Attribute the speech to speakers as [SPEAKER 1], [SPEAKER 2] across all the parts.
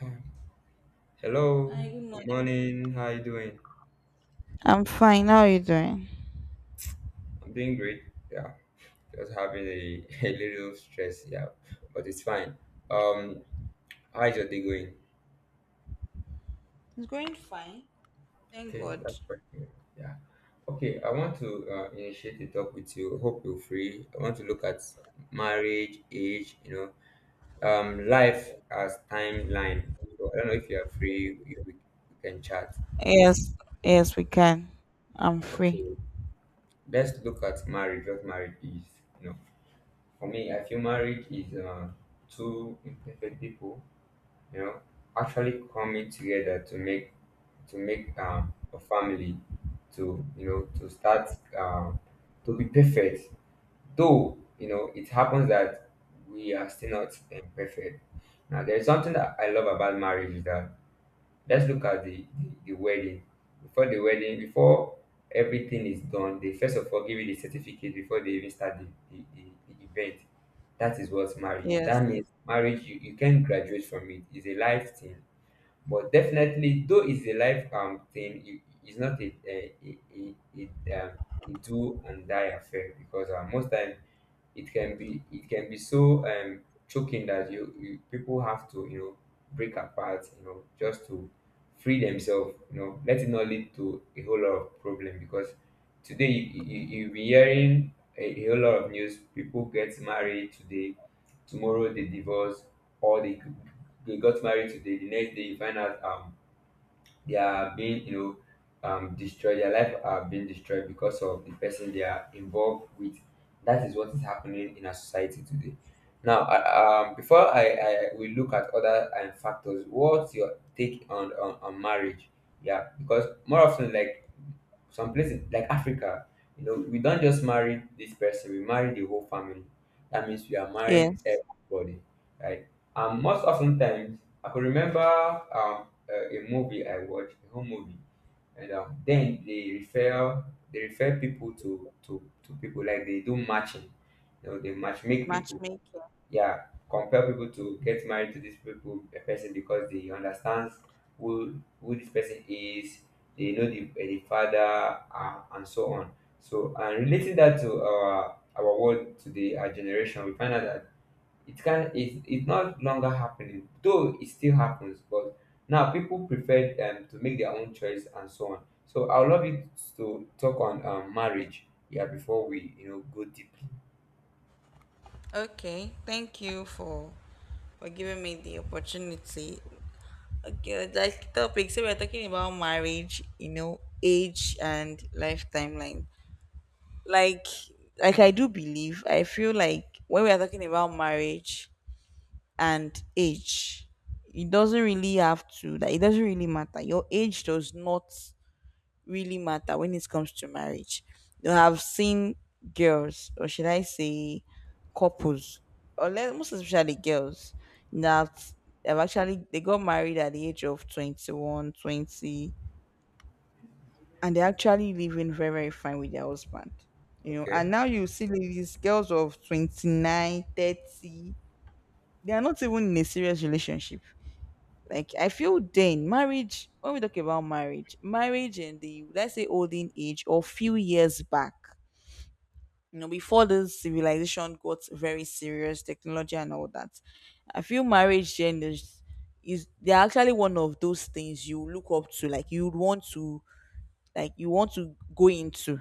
[SPEAKER 1] Um, Hello,
[SPEAKER 2] Hi, good
[SPEAKER 1] good
[SPEAKER 2] morning.
[SPEAKER 1] morning. How you doing?
[SPEAKER 2] I'm fine. How are you doing?
[SPEAKER 1] I'm doing great. Yeah, just having a little stress. Yeah, but it's fine. Um, how's your day going?
[SPEAKER 2] It's going fine. Thank
[SPEAKER 1] Okay,
[SPEAKER 2] God.
[SPEAKER 1] that's perfect. Yeah. Okay, I want to initiate the talk with you. Hope you're free. I want to look at marriage, age, life as timeline. So I don't know if you are free. If we can chat.
[SPEAKER 2] Yes, yes, we can. I'm free.
[SPEAKER 1] Okay, let's look at marriage. What marriage is. You know. For me, I feel marriage is two imperfect people, you know, actually coming together to make a family, to to start um, to be perfect. Though you know, it happens that we are still not perfect. Now, there is something that I love about marriage is that let's look at the wedding. Before the wedding, before everything is done, they first of all give you the certificate before they even start the event. That is what marriage is.
[SPEAKER 2] Yes,
[SPEAKER 1] That means marriage, you can not graduate from it. It's a life thing. But definitely, though it's a life thing, it's not a, um, a do and die affair because most times it can be so choking that you people have to, you know, break apart, you know, just to free themselves, you know. Let it not lead to a whole lot of problem because today you'll be hearing a whole lot of news. People get married today, tomorrow they divorce, or they got married today, the next day you find out they are being, destroyed. Their life are being destroyed because of the person they are involved with. That is what is happening in our society today. Now before I we look at other factors, what's your take on, on marriage? Yeah, because more often, like some places like Africa, you know, we don't just marry this person, we marry the whole family. That means we are married
[SPEAKER 2] yes.
[SPEAKER 1] everybody. Right. And most often times, I could remember a movie I watched, a home movie. And then they refer people to to people, like they do matching, you know, they match make people.
[SPEAKER 2] Matchmaking.
[SPEAKER 1] Yeah, compel people to get married to this people, a person, because they understands who this person is. They know the father, and so on. So, and relating that to our world today, our generation, we find out that it's not longer happening. Though it still happens, but now people prefer to make their own choice and so on. So I would love you to talk on marriage, yeah, before we, you know, go deeply.
[SPEAKER 2] Okay. Thank you for giving me the opportunity. Okay, like topic. So we're talking about marriage, you know, age and life timeline. Like like I do believe, I feel like when we are talking about marriage, and age. It doesn't really have to that it doesn't really matter. Your age does not really matter when it comes to marriage. You have seen girls, or should I say couples, or let, most especially girls, that have actually they got married at the age of 21, 20, and they're actually living very, very fine with their husband. You know, and
[SPEAKER 1] Okay,
[SPEAKER 2] now you see these girls of 29, 30, they are not even in a serious relationship. Like I feel then marriage when we talk about marriage, marriage in the let's say olden age or few years back, you know, before this civilization got very serious, technology and all that. I feel marriage then is they're actually one of those things you look up to, like you would want to like you want to go into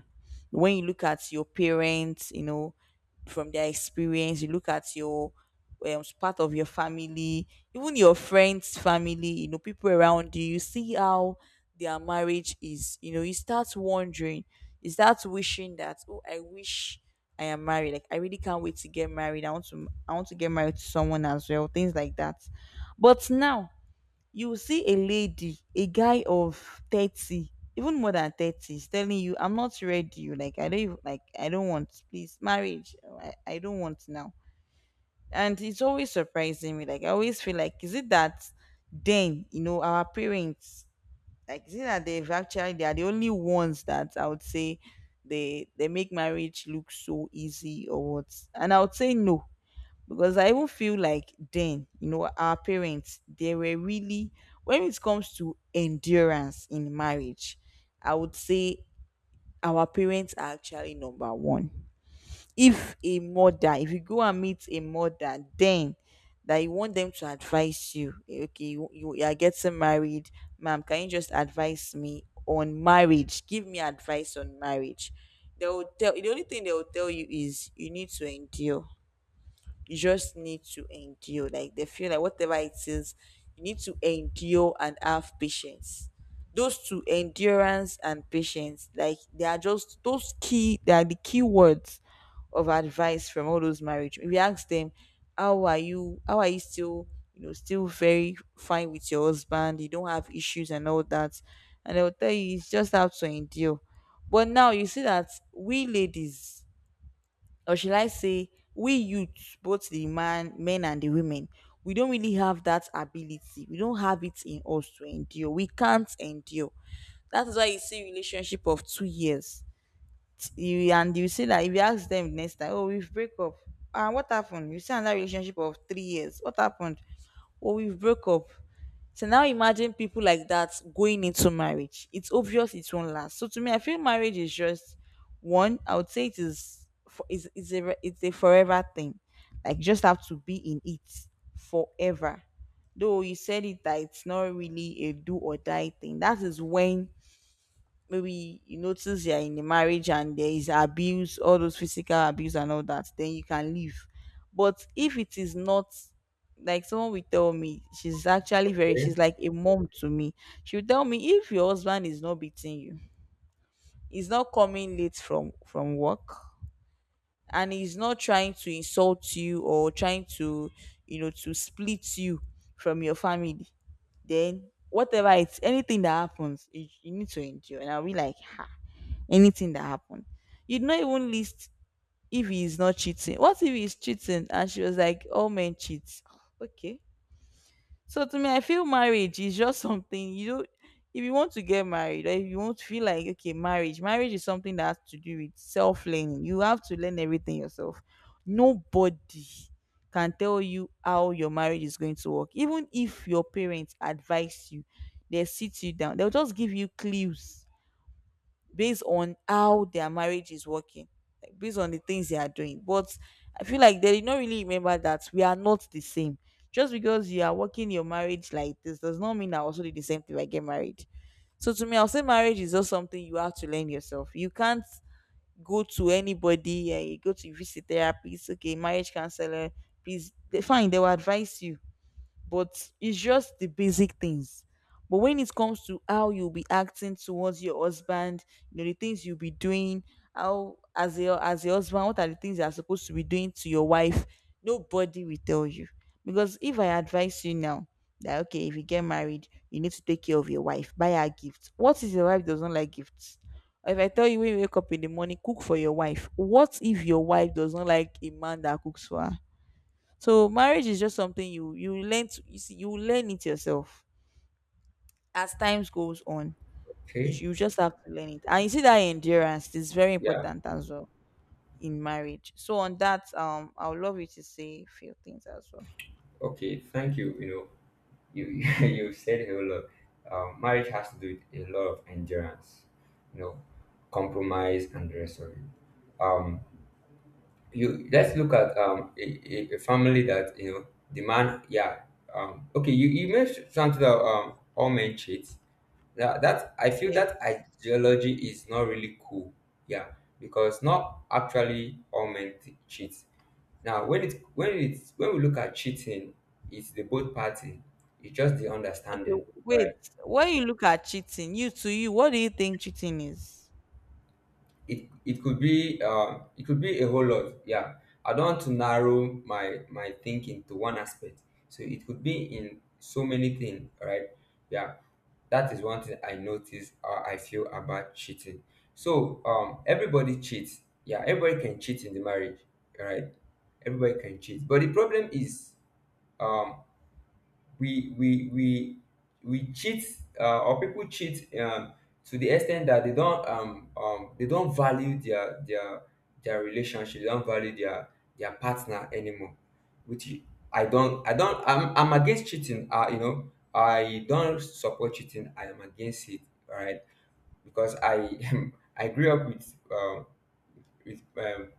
[SPEAKER 2] when you look at your parents, you know, from their experience, you look at your part of your family, even your friends' family, you know, people around you, you see how their marriage is, you know, you start wondering, you start wishing that, oh, I wish I am married. Like I really can't wait to get married. I want to get married to someone as well, things like that. But now you will see a lady, a guy of 30, even more than 30, is telling you, I'm not ready. You Like, I don't, like, I don't want, please, marriage. I don't want now. And it's always surprising me. Like, I always feel like, is it that then, you know, our parents, like, is it that they've actually, they are the only ones that I would say they make marriage look so easy or what? And I would say no because I even feel like then, you know, our parents, they were really, when it comes to endurance in marriage, I would say our parents are actually number one. If a mother, if you go and meet a mother, then that you want them to advise you, okay, you you are getting married, ma'am, can you just advise me on marriage? Give me advice on marriage. They will tell, the only thing they will tell you is you need to endure you just need to endure. Like they feel like whatever it is, you need to endure and have patience. Those two, endurance and patience, like they are just those key. They are the key words of advice from all those marriage. If you ask them, how are you? How are you still? You know, still very fine with your husband. You don't have issues and all that. And they'll tell you it's just how to endure. But now you see that we ladies or should I say, we youths, both the man, men and the women, we don't really have that ability. We don't have it in us to endure. We can't endure. That is why you see relationship of 2 years. You and you see that if you ask them next time, oh, we've break up. And what happened? You see another relationship of 3 years. What happened? Or we broke up. So now imagine people like that going into marriage. It's obvious it won't last. So to me, I feel marriage is just one. I would say it is for it's a forever thing. Like you just have to be in it forever. Though you said it that it's not really a do or die thing. That is when maybe you notice you're in a marriage and there is abuse, all those physical abuse and all that, then you can leave. But if it is not like someone will tell me, she's actually very, she's
[SPEAKER 1] okay,
[SPEAKER 2] like a mom to me. She'll tell me if your husband is not beating you, he's not coming late from work, and he's not trying to insult you or trying to, you know, to split you from your family, then whatever it's anything that happens, you need to endure. And I'll be like, anything that happened. You'd not even list if he is not cheating. What if he's cheating? And she was like, all men cheat. Okay. So to me, I feel marriage is just something you don't if you want to get married or if you want to feel like okay, marriage, marriage is something that has to do with self-learning. You have to learn everything yourself. Nobody can tell you how your marriage is going to work. Even if your parents advise you, they sit you down, they'll just give you clues based on how their marriage is working, like based on the things they are doing. But I feel like they did not really remember that we are not the same. Just because you are working your marriage like this does not mean I also did the same thing when I get married. So to me, I'll say marriage is just something you have to learn yourself. You can't go to anybody, you go to visit therapist, okay, marriage counselor, please, they, fine, they will advise you but it's just the basic things. But when it comes to how you'll be acting towards your husband, you know, the things you'll be doing, how as your husband, what are the things you're supposed to be doing to your wife, nobody will tell you. Because if I advise you now that okay, if you get married, you need to take care of your wife, buy her gifts. What if your wife doesn't like gifts? If I tell you when you wake up in the morning, cook for your wife. What if your wife doesn't like a man that cooks for her? So marriage is just something you you learn to you see you learn it yourself as times goes on.
[SPEAKER 1] okay,
[SPEAKER 2] You just have to learn it, and you see that endurance is very
[SPEAKER 1] yeah.
[SPEAKER 2] important as well in marriage. So on that, I would love you to say a few things as well.
[SPEAKER 1] Okay, thank you. You know, you you said a whole lot. Marriage has to do with a lot of endurance, you know, compromise and the rest of it. Um, you, let's look at a family, that you know, the man, yeah. Okay, you mentioned something that all men cheat. That I feel
[SPEAKER 2] Yes.
[SPEAKER 1] that ideology is not really cool, yeah, because not actually all men cheat. Now, when it when we look at cheating, it's the both party. It's just the
[SPEAKER 2] Okay.
[SPEAKER 1] understanding, right?
[SPEAKER 2] Wait. When you look at cheating, you to you, what do you think cheating is?
[SPEAKER 1] It it could be a whole lot. Yeah, I don't want to narrow my thinking to one aspect. So it could be in so many things, right? Yeah, that is one thing I notice or I feel about cheating. So everybody cheats. Yeah, everybody can cheat in the marriage, right? Everybody can cheat, but the problem is um we we we we cheat, or people cheat to the extent that they don't value their relationship, they don't value their partner anymore, which I don't I'm against cheating. You know, I don't support cheating, I am against it. All right, because I I grew up with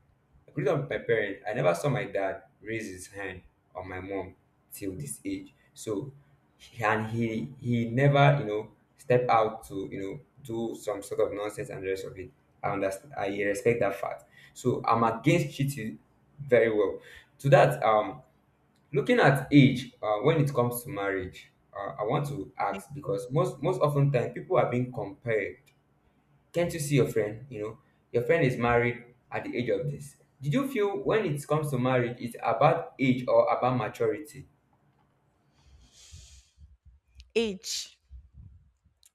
[SPEAKER 1] growing up with my parents, I never saw my dad raise his hand on my mom till this age. So, he- and he he never, you know, step out to, you know, do some sort of nonsense and the rest of it. I understand. I respect that fact. So I'm against cheating very well. To that, looking at age, when it comes to marriage, I want to ask because most often time people are being compared. Can't you see your friend? You know, your friend is married at the age of this. Did you feel when it comes to marriage, it's about age or about maturity?
[SPEAKER 2] Age.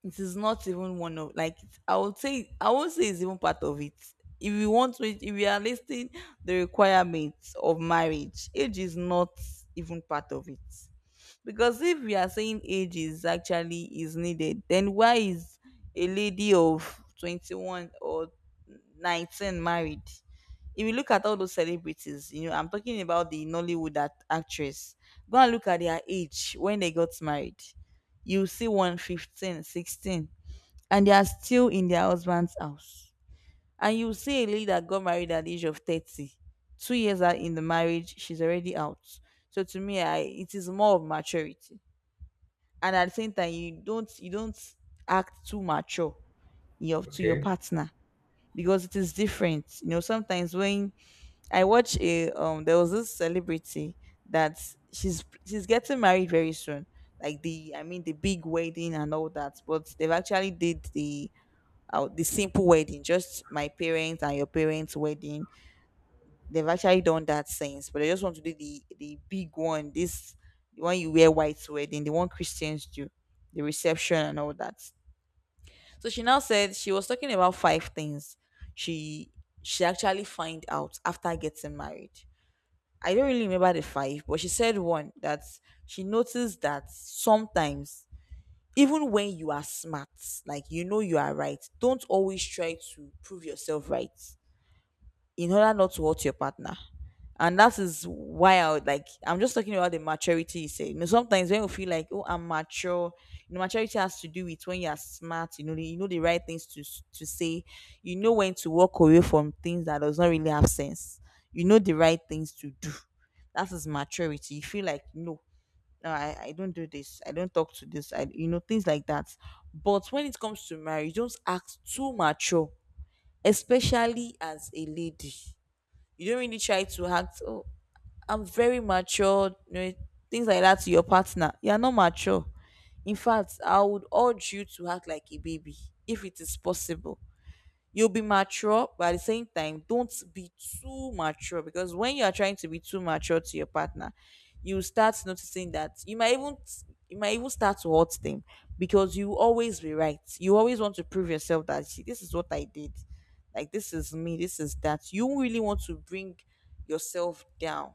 [SPEAKER 2] It is not even one of like I would say I won't say it's even part of it if you want to if we are listing the requirements of marriage age is not even part of it because if we are saying age is actually is needed, then why is a lady of 21 or 19 married? If you look at all those celebrities, you know, I'm talking about the Nollywood actress. Go and look at their age when they got married. You see one 15, 16, and they are still in their husband's house. And you see a lady that got married at the age of 30. 2 years out in the marriage, she's already out. So to me, I, it is more of maturity and at the same time you don't act too mature your to your
[SPEAKER 1] Okay,
[SPEAKER 2] partner because it is different you know sometimes when I watch a there was this celebrity that she's getting married very soon like the I mean the big wedding and all that but they've actually did the simple wedding just my parents and your parents wedding. They've actually done that since, but they just want to do the big one. This the one you wear white to wedding, the one Christians do, the reception and all that. So she now said she was talking about five things she she actually find out after getting married. I don't really remember the five, but she said one that she noticed that sometimes even when you are smart, like you know you are right, don't always try to prove yourself right in order not to hurt your partner and that is why I would like I'm just talking about the maturity you say. You know, sometimes when you feel like, oh, I'm mature, you know, maturity has to do with when you are smart, you know, you know the right things to say, you know when to walk away from things that does not really have sense. You know the right things to do. That is maturity. You feel like no, no, I don't do this, I don't talk to this, I you know, things like that. But when it comes to marriage, don't act too mature, especially as a lady, you don't really try to act, oh, I'm very mature, things like that to your partner. You're not mature. In fact, I would urge you to act like a baby if it is possible. You'll be mature, but at the same time, don't be too mature, because when you are trying to be too mature to your partner, you start noticing that you might even start to hurt them because you always be right. You always want to prove yourself that, "See, this is what I did, like this is me, this is that." You really want to bring yourself down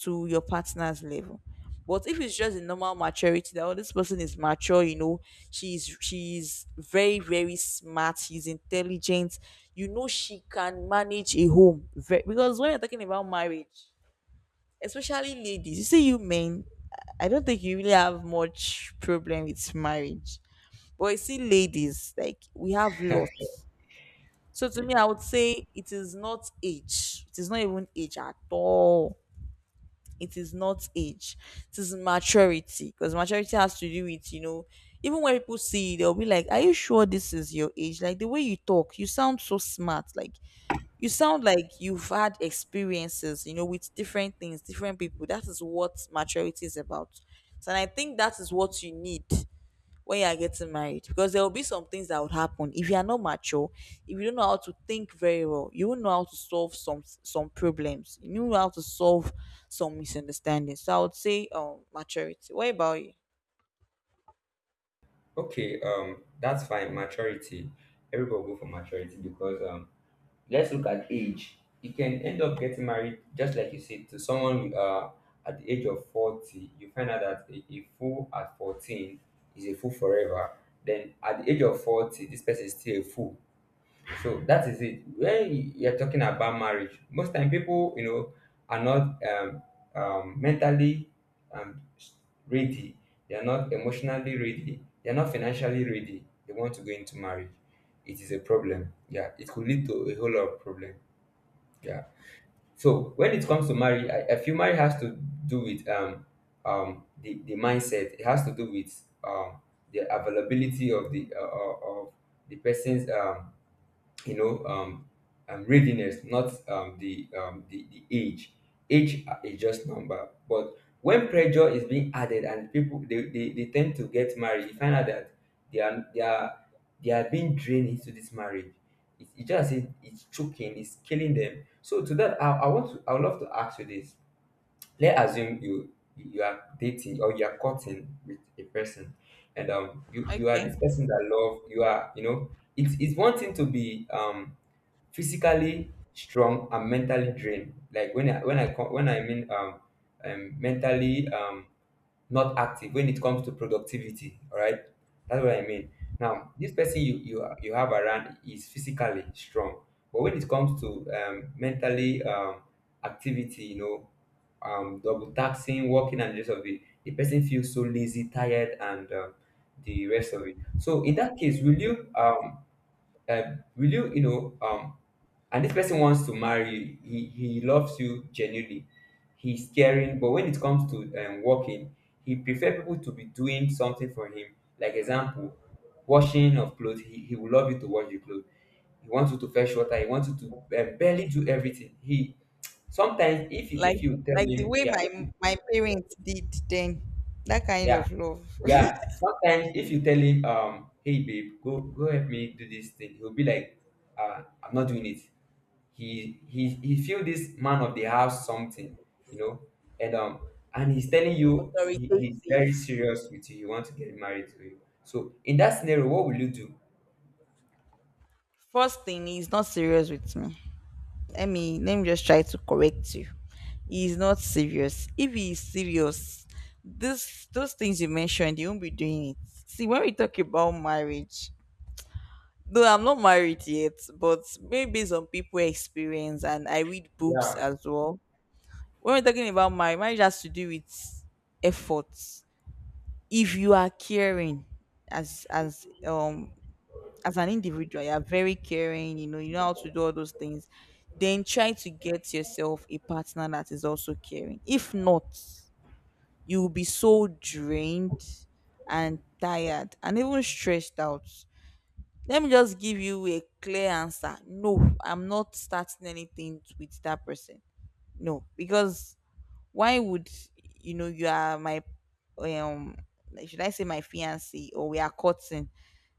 [SPEAKER 2] to your partner's level. But if it's just a normal maturity that, oh, this person is mature, you know, she's very very smart, she's intelligent, you know she can manage a home. Because when you're talking about marriage, especially ladies, you see you men, I don't think you really have much problem with marriage. But I see ladies, like we have lots. So to me, I would say it is not age. It is not even age at all. It is not age. It is maturity, because maturity has to do with. Even when people see you, they'll be like, "Are you sure this is your age? Like the way you talk, you sound so smart. Like you sound like you've had experiences, with different things, different people." That is what maturity is about. So, and I think that is what you need when you are getting married, because there will be some things that would happen if you are not mature. If you don't know how to think very well, you won't know how to solve some problems, you know how to solve some misunderstandings. So I would say, maturity. What about you?
[SPEAKER 1] okay, that's fine. Maturity. Everybody will go for maturity because let's look at age. You can end up getting married, just like you said, to someone at the age of 40. You find out that a fool at 14 is a fool forever. Then at the age of 40, this person is still a fool. So that is it. When you're talking about marriage, most time people, you know, are not mentally um, ready. They are not emotionally ready. They are not financially ready. They want to go into marriage. It is a problem. Yeah, it could lead to a whole lot of problem. Yeah. So when it comes to marriage, I feel marriage has to do with the mindset. It has to do with the availability of the person's you know um, readiness, not the age. Age is just number, but when pressure is being added and people they tend to get married, you find out that they are they are they are being drained into this marriage. It's choking, it's killing them. So to that, I want to, I would love to ask you this. Let's assume you are dating or you are courting with a person, and you you are
[SPEAKER 2] Okay.
[SPEAKER 1] this person that love you, are, you know, it's one thing to be physically strong and mentally drained. Like when I mean mentally, not active when it comes to productivity. All right, that's what I mean. Now this person you have around is physically strong, but when it comes to mentally activity, you know, double taxing, working and the rest of it, the person feels so lazy, tired, and the rest of it. So in that case, will you uh, will you, you know, and this person wants to marry you, he loves you genuinely, he's caring, but when it comes to working, he prefer people to be doing something for him. Like example, washing of clothes, he will love you to wash your clothes, he wants you to fetch water, he wants you to barely do everything. He sometimes, if you,
[SPEAKER 2] Like
[SPEAKER 1] tell
[SPEAKER 2] like the
[SPEAKER 1] him,
[SPEAKER 2] way
[SPEAKER 1] yeah, if
[SPEAKER 2] my
[SPEAKER 1] you-
[SPEAKER 2] my parents did then. That kind
[SPEAKER 1] yeah,
[SPEAKER 2] of love.
[SPEAKER 1] yeah, sometimes if you tell him, hey babe, go help me do this thing, he'll be like, I'm not doing it. He feel this man of the house something, you know. And and he's telling you, he's
[SPEAKER 2] Authoritative.
[SPEAKER 1] very serious with you, he wants to get married to you. So in that scenario, what will you do?
[SPEAKER 2] First thing is not serious with me. Let me just try to correct you. He is not serious. If he is serious, this those things you mentioned, you won't be doing it. See, when we talk about marriage, though I'm not married yet, but maybe based on people experience, and I read books
[SPEAKER 1] Yeah.
[SPEAKER 2] as well. When we're talking about marriage, marriage has to do with efforts. If you are caring, as as um as an individual, you're very caring, you know how to do all those things, then try to get yourself a partner that is also caring. If not, you will be so drained and tired and even stressed out. Let me just give you a clear answer. No, I'm not starting anything with that person. No, because why would, you know, you are my um should I say my fiance, or we are courting?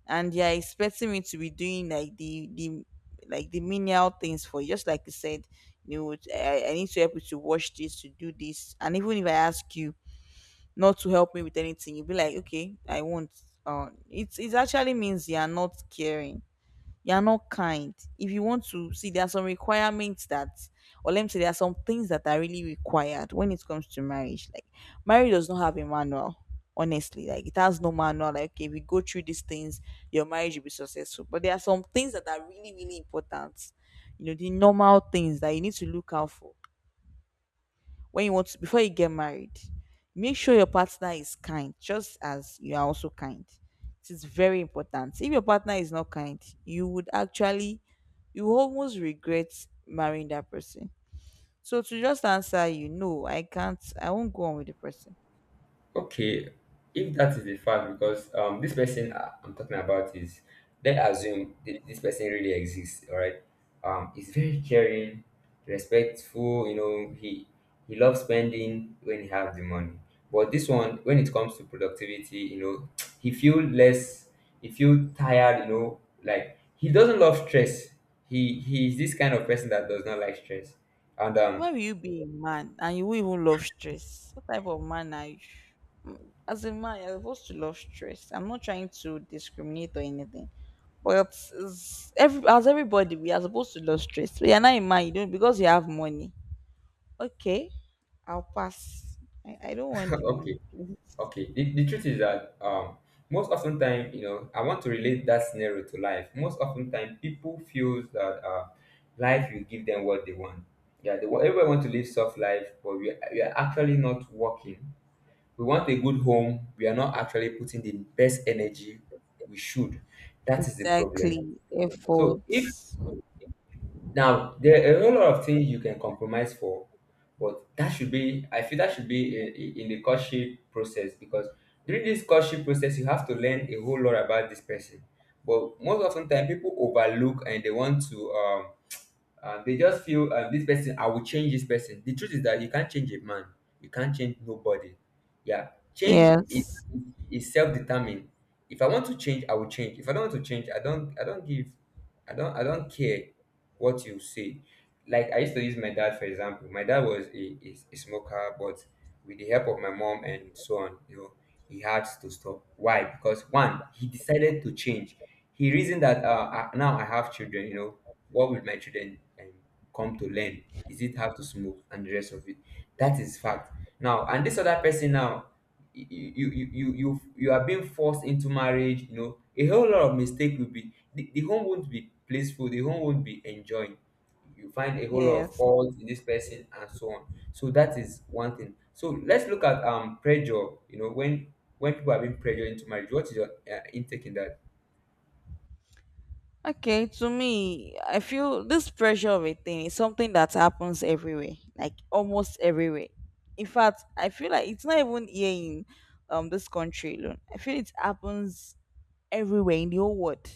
[SPEAKER 2] And you're expecting me to be doing like the menial things for you, just like you said, you know, I need to help you to wash this, to do this. And even if I ask you not to help me with anything, you'll be like, okay, I won't. It actually means you are not caring, you're not kind. If you want to see, there are some requirements that, or let me say, there are some things that are really required when it comes to marriage. Like, marriage does not have a manual, honestly. Like, it has no manual. Like, okay, if you go through these things, your marriage will be successful. But there are some things that are really, really important. You know, the normal things that you need to look out for when you want to, before you get married, make sure your partner is kind, just as you are also kind. It is very important. If your partner is not kind, you would actually you will almost regret marrying that person. So to just answer you, no, I can't, I won't go on with the person.
[SPEAKER 1] Okay, if that is the fact, because this person I'm talking about is, let's assume this person really exists, all right? He's very caring, respectful. You know, he loves spending when he has the money. But this one, when it comes to productivity, you know, he feel less, he feel tired. You know, like he doesn't love stress. He is this kind of person that does not like stress. And
[SPEAKER 2] Why will you be a man and you won't even love stress? What type of man are you? As a man, you're supposed to love stress. I'm not trying to discriminate or anything, but it's- every as everybody, we are supposed to love stress. But you're not a man, you don't, because you have money. Okay, I'll pass. I don't want the money.
[SPEAKER 1] okay,
[SPEAKER 2] Please.
[SPEAKER 1] okay, the truth is that most often time, you know, I want to relate that scenario to life. Most often time, people feels that life will give them what they want. Yeah, everybody want to live soft life, but we are actually not working. We want a good home. We are not actually putting the best energy we should. That is the problem.
[SPEAKER 2] Exactly,
[SPEAKER 1] So if
[SPEAKER 2] efforts.
[SPEAKER 1] now, there are a whole lot of things you can compromise for, but that should be, I feel that should be in the courtship process, because during this courtship process, you have to learn a whole lot about this person. But most often time, people overlook and they want to they just feel this person, I will change this person. The truth is that you can't change a man. You can't change nobody. Yeah, change is
[SPEAKER 2] Yes,
[SPEAKER 1] is self-determined. If I want to change, I will change. If I don't want to change, I don't care what you say. Like, I used to use my dad for example. My dad was a smoker, but with the help of my mom and so on, you know, he had to stop. Why? Because, one, he decided to change. He reasoned that now I have children. You know, what will my children come to learn? Is it how to smoke and the rest of it? That is fact. Now, and this other person now, you are being forced into marriage. You know, a whole lot of mistake will be the home won't be blissful. The home won't be enjoying. You find a whole lot of
[SPEAKER 2] yes.
[SPEAKER 1] fault in this person and so on. So that is one thing. So let's look at pressure. You know, when people are being pressured into marriage, what is your intake in that?
[SPEAKER 2] Okay, to me, I feel this pressure of a thing is something that happens everywhere, like almost everywhere. In fact, I feel like it's not even here in this country alone. I feel it happens everywhere in the whole world.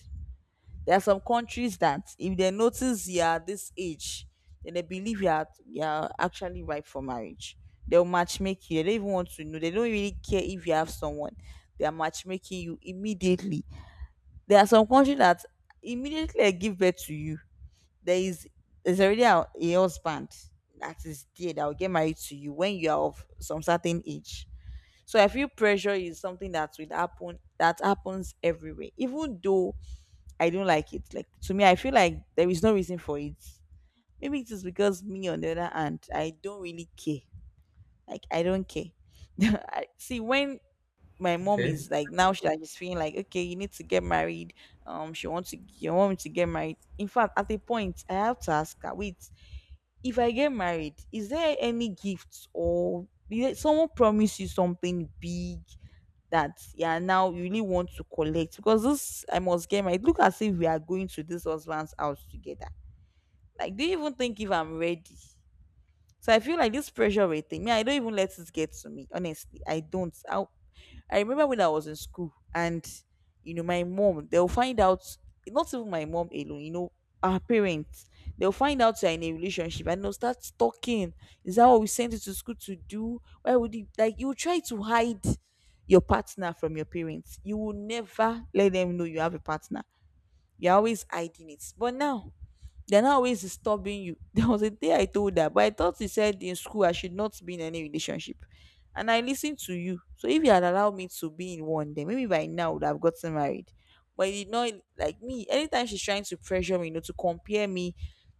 [SPEAKER 2] There are some countries that if they notice you are this age, then they believe you are actually ripe for marriage. They'll matchmake you. They don't even want to know. They don't really care if you have someone. They are matchmaking you immediately. There are some countries that immediately I give birth to you, there is there's already a husband that is there that will get married to you when you are of some certain age. So I feel pressure is something that will happen, that happens everywhere. Even though I don't like it, like to me, I feel like there is no reason for it. Maybe it is because me, on the other hand, I don't really care. Like, I don't care. See, when my mom
[SPEAKER 1] Okay.
[SPEAKER 2] is like now she's feeling like, okay, you need to get married, she wants to you want me to get married. In fact, at a point I have to ask her, wait, if I get married, is there any gifts, or did someone promise you something big that, yeah, now you really want to collect, because this, I must get married, look as if we are going to this husband's house together. Like, do you even think if I'm ready? So I feel like this pressure rate thing, me, I don't even let it get to me. Honestly, I don't. I remember when I was in school, and, you know, my mom, they'll find out, not even my mom alone, you know, our parents, they'll find out you're in a relationship, and they'll start talking. Is that what we sent you to school to do? Why would you, like, you try to hide your partner from your parents. You will never let them know you have a partner. You're always hiding it. But now, they're not always disturbing you. There was a day I told her, but I thought he said in school I should not be in any relationship. And I listened to you. So if you had allowed me to be in one, then maybe by now I would have gotten married. But you know, like me, anytime she's trying to pressure me, to compare me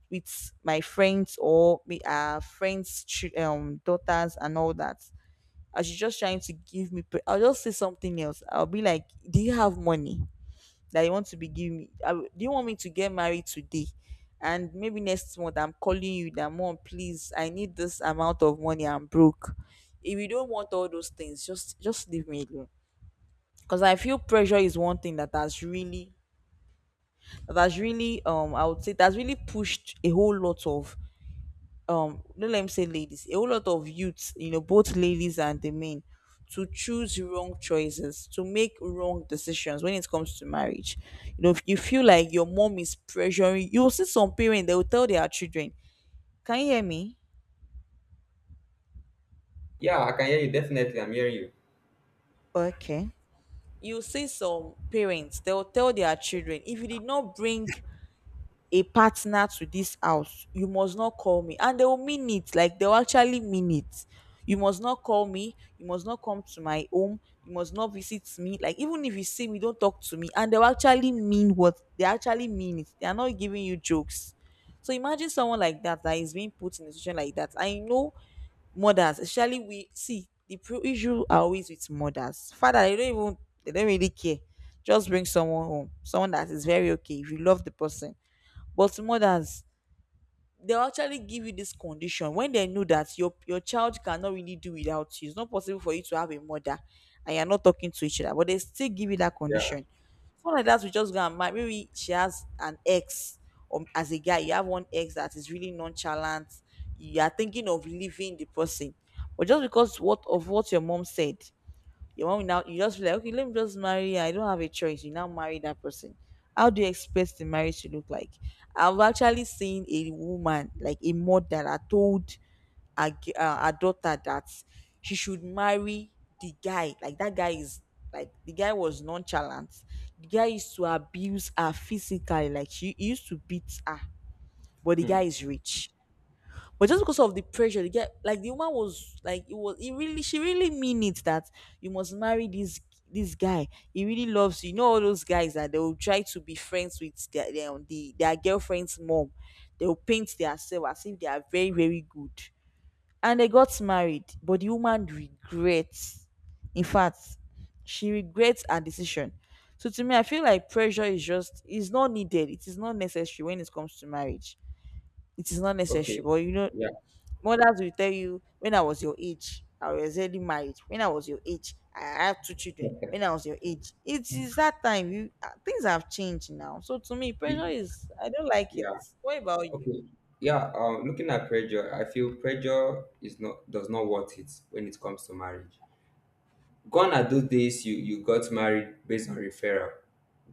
[SPEAKER 2] with my friends, or me, our friends' daughters and all that, and she's just trying to give me. I'll just say something else. I'll be like, "Do you have money, that you want to be giving me? Do you want me to get married today, and maybe next month I'm calling you that, mom, please, I need this amount of money, I'm broke? If you don't want all those things, just leave me alone, because I feel pressure is one thing that has really, I would say, that's really pushed a whole lot of no, let me say, ladies, a whole lot of youths, you know, both ladies and the men, to choose wrong choices, to make wrong decisions when it comes to marriage. You know, if you feel like your mom is pressuring, you'll see some parents, they will tell their children, can you hear me?"
[SPEAKER 1] Yeah, I can hear you. Definitely, I'm hearing you.
[SPEAKER 2] Okay. You see some parents, they will tell their children, if you did not bring a partner to this house, you must not call me. And they will mean it. Like, they'll actually mean it. You must not call me. You must not come to my home. You must not visit me. Like, even if you see me, don't talk to me. And they'll actually mean, what they actually mean it. They are not giving you jokes. So imagine someone like that, that is being put in a situation like that. I know mothers, especially we see the issue are always with mothers. Father, they don't really care. Just bring someone home, someone that is very okay. If you love the person, but mothers, they'll actually give you this condition when they know that your child cannot really do without you. It's not possible for you to have a mother and you're not talking to each other, but they still give you that
[SPEAKER 1] Yeah.
[SPEAKER 2] condition. Someone like that, we just go and marry. Maybe she has an ex, or as a guy, you have one ex that is really nonchalant. You are thinking of leaving the person, but just because what of what your mom said, your mom will now, you just feel like, okay, let me just marry her. I don't have a choice. You now marry that person. How do you expect the marriage to look like? I've actually seen a woman, like a mother that told her, her daughter that she should marry the guy. Like that guy is, like the guy was nonchalant. The guy used to abuse her physically. Like she he used to beat her, but the guy
[SPEAKER 1] Hmm.
[SPEAKER 2] is rich. But just because of the pressure, they get, like the woman was like, it was, it really, she really mean it that you must marry this guy. He really loves you. You know all those guys that they will try to be friends with their girlfriend's mom. They will paint themselves as if they are very, very good. And they got married, but the woman regrets. In fact, she regrets her decision. So to me, I feel like pressure is not needed. It is not necessary when it comes to marriage. It is not necessary,
[SPEAKER 1] Okay.
[SPEAKER 2] but you know,
[SPEAKER 1] Yeah.
[SPEAKER 2] mothers will tell you, when I was your age, I was already married. When I was your age, I had two children. When I was your age, it is that time. You Things have changed now. So to me, pressure
[SPEAKER 1] Be-
[SPEAKER 2] is, I don't like it.
[SPEAKER 1] Yeah.
[SPEAKER 2] What about you?
[SPEAKER 1] Okay. Yeah. Looking at pressure, I feel pressure is not, does not worth it when it comes to marriage. Gone are those days you got married based on referral.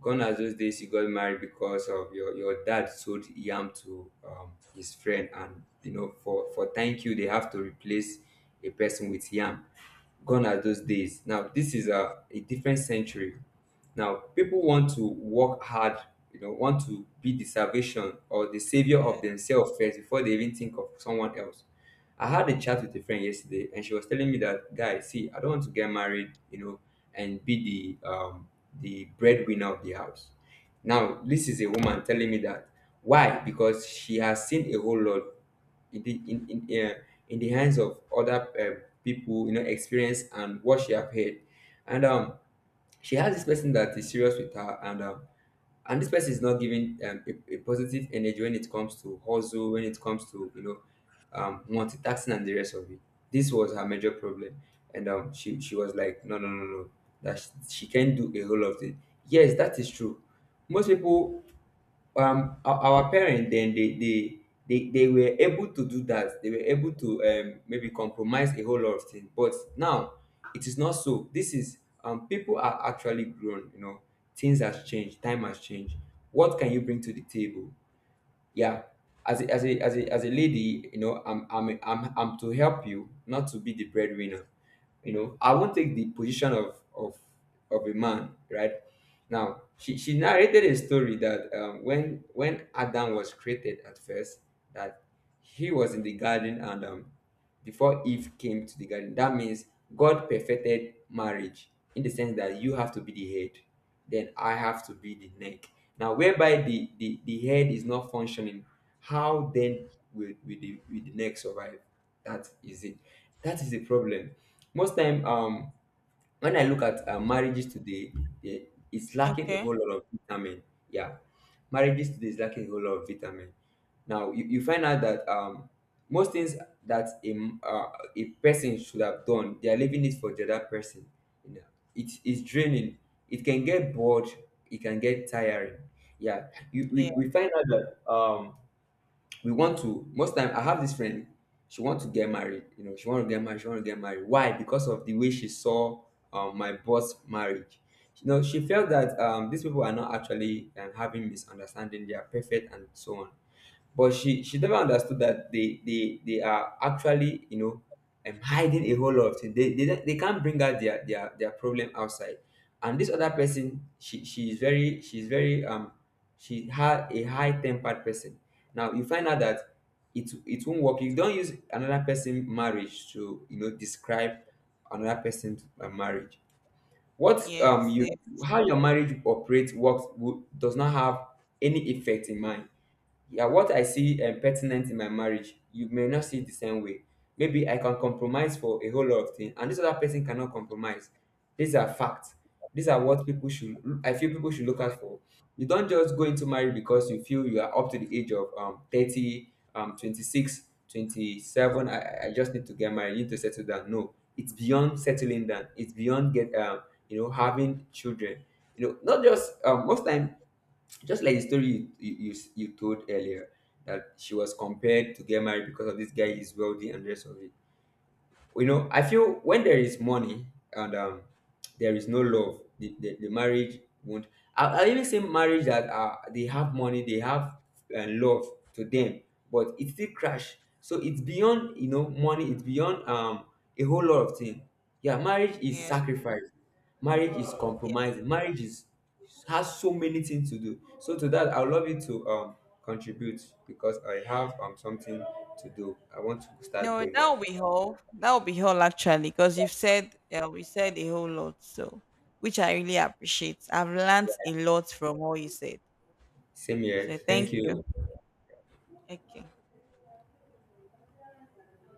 [SPEAKER 1] Gone are those days you got married because of your dad sold yam to his friend, and for thank you, they have to replace a person with yam. Gone are those days. Now, this is a different century. Now, people want to work hard, want to be the salvation or the savior of
[SPEAKER 2] Yeah.
[SPEAKER 1] themselves first before they even think of someone else. I had a chat with a friend yesterday, and she was telling me that, guy, see, I don't want to get married, and be the breadwinner of the house. Now, this is a woman telling me that. Why? Because she has seen a whole lot in the in in, uh, in the hands of other people, you know, experience and what she have heard, and she has this person that is serious with her, and this person is not giving a positive energy when it comes to hustle, when it comes to, multitasking and the rest of it. This was her major problem. And she was like, no no no no, that she can't do a whole lot of it. Yes, that is true. Most people, our parent dem they dey they were able to do that. They were able to maybe compromise a whole lot of things, but now it is not so. This is, people are actually grown, you know, things has changed, time has changed. What can you bring to the table? Yeah, as a, as a as a as a lady, you know, I'm to help you, not to be the breadwinner. You know, I won't take the position of a man, right? Now, she narrated a story that, when Adam was created at first, that he was in the garden, and before Eve came to the garden. That means God perfected marriage in the sense that you have to be the head, then I have to be the neck. Now, whereby the head is not functioning, how then will the neck survive? That is it. That is the problem. Most time, when I look at marriages today, it's lacking a whole
[SPEAKER 2] Okay.
[SPEAKER 1] lot of vitamin. Yeah, marriages today is lacking a whole lot of vitamin. Now you find out that most things that a person should have done, they are leaving it for the other person. You know, it is draining. It can get bored. It can get tiring. Yeah,
[SPEAKER 2] Yeah.
[SPEAKER 1] we find out that we want to. Most time, I have this friend. She want to get married, she want to get married, she want to get married. Why? Because of the way she saw my boss marriage. You know, she felt that these people are not actually having misunderstanding, they are perfect and so on. But she never understood that they are actually, hiding a whole lot of things. They, they can't bring out their problem outside. And this other person, she is very, she's very, she had a high tempered person. Now you find out that it won't work. You don't use another person marriage to, describe another person's marriage. What
[SPEAKER 2] Yes.
[SPEAKER 1] you
[SPEAKER 2] Yes.
[SPEAKER 1] how your marriage operates does not have any effect in mind. Yeah, what I see, pertinent in my marriage, you may not see it the same way. Maybe I can compromise for a whole lot of things, and this other person cannot compromise. These are facts. These are what people should. I feel people should look out for. You don't just go into marriage because you feel you are up to the age of 30, 26, 27. I just need to get married. I need to settle down. No, it's beyond settling down. It's beyond get you know having children. You know, not just most time, just like the story you told earlier, that she was compared to get married because of this guy is wealthy and the rest of it. You know, I feel when there is money, and, there is no love, the marriage won't. I even say marriage that, they have money, they have, love to them, but it still crash. So it's beyond, money. It's beyond, a whole lot of things. Yeah, marriage is
[SPEAKER 2] Yeah.
[SPEAKER 1] sacrifice. Marriage is
[SPEAKER 2] Yeah.
[SPEAKER 1] compromise. Marriage is has so many things to do. So to that, I would love you to contribute, because I have something to do. I want to start
[SPEAKER 2] No,
[SPEAKER 1] going here.
[SPEAKER 2] that'll be all. That'll be all, actually, because you've said, we said a whole lot, so, which I really appreciate. I've learned a lot from all you said.
[SPEAKER 1] Same here.
[SPEAKER 2] So thank
[SPEAKER 1] Thank
[SPEAKER 2] you.
[SPEAKER 1] you.
[SPEAKER 2] Okay.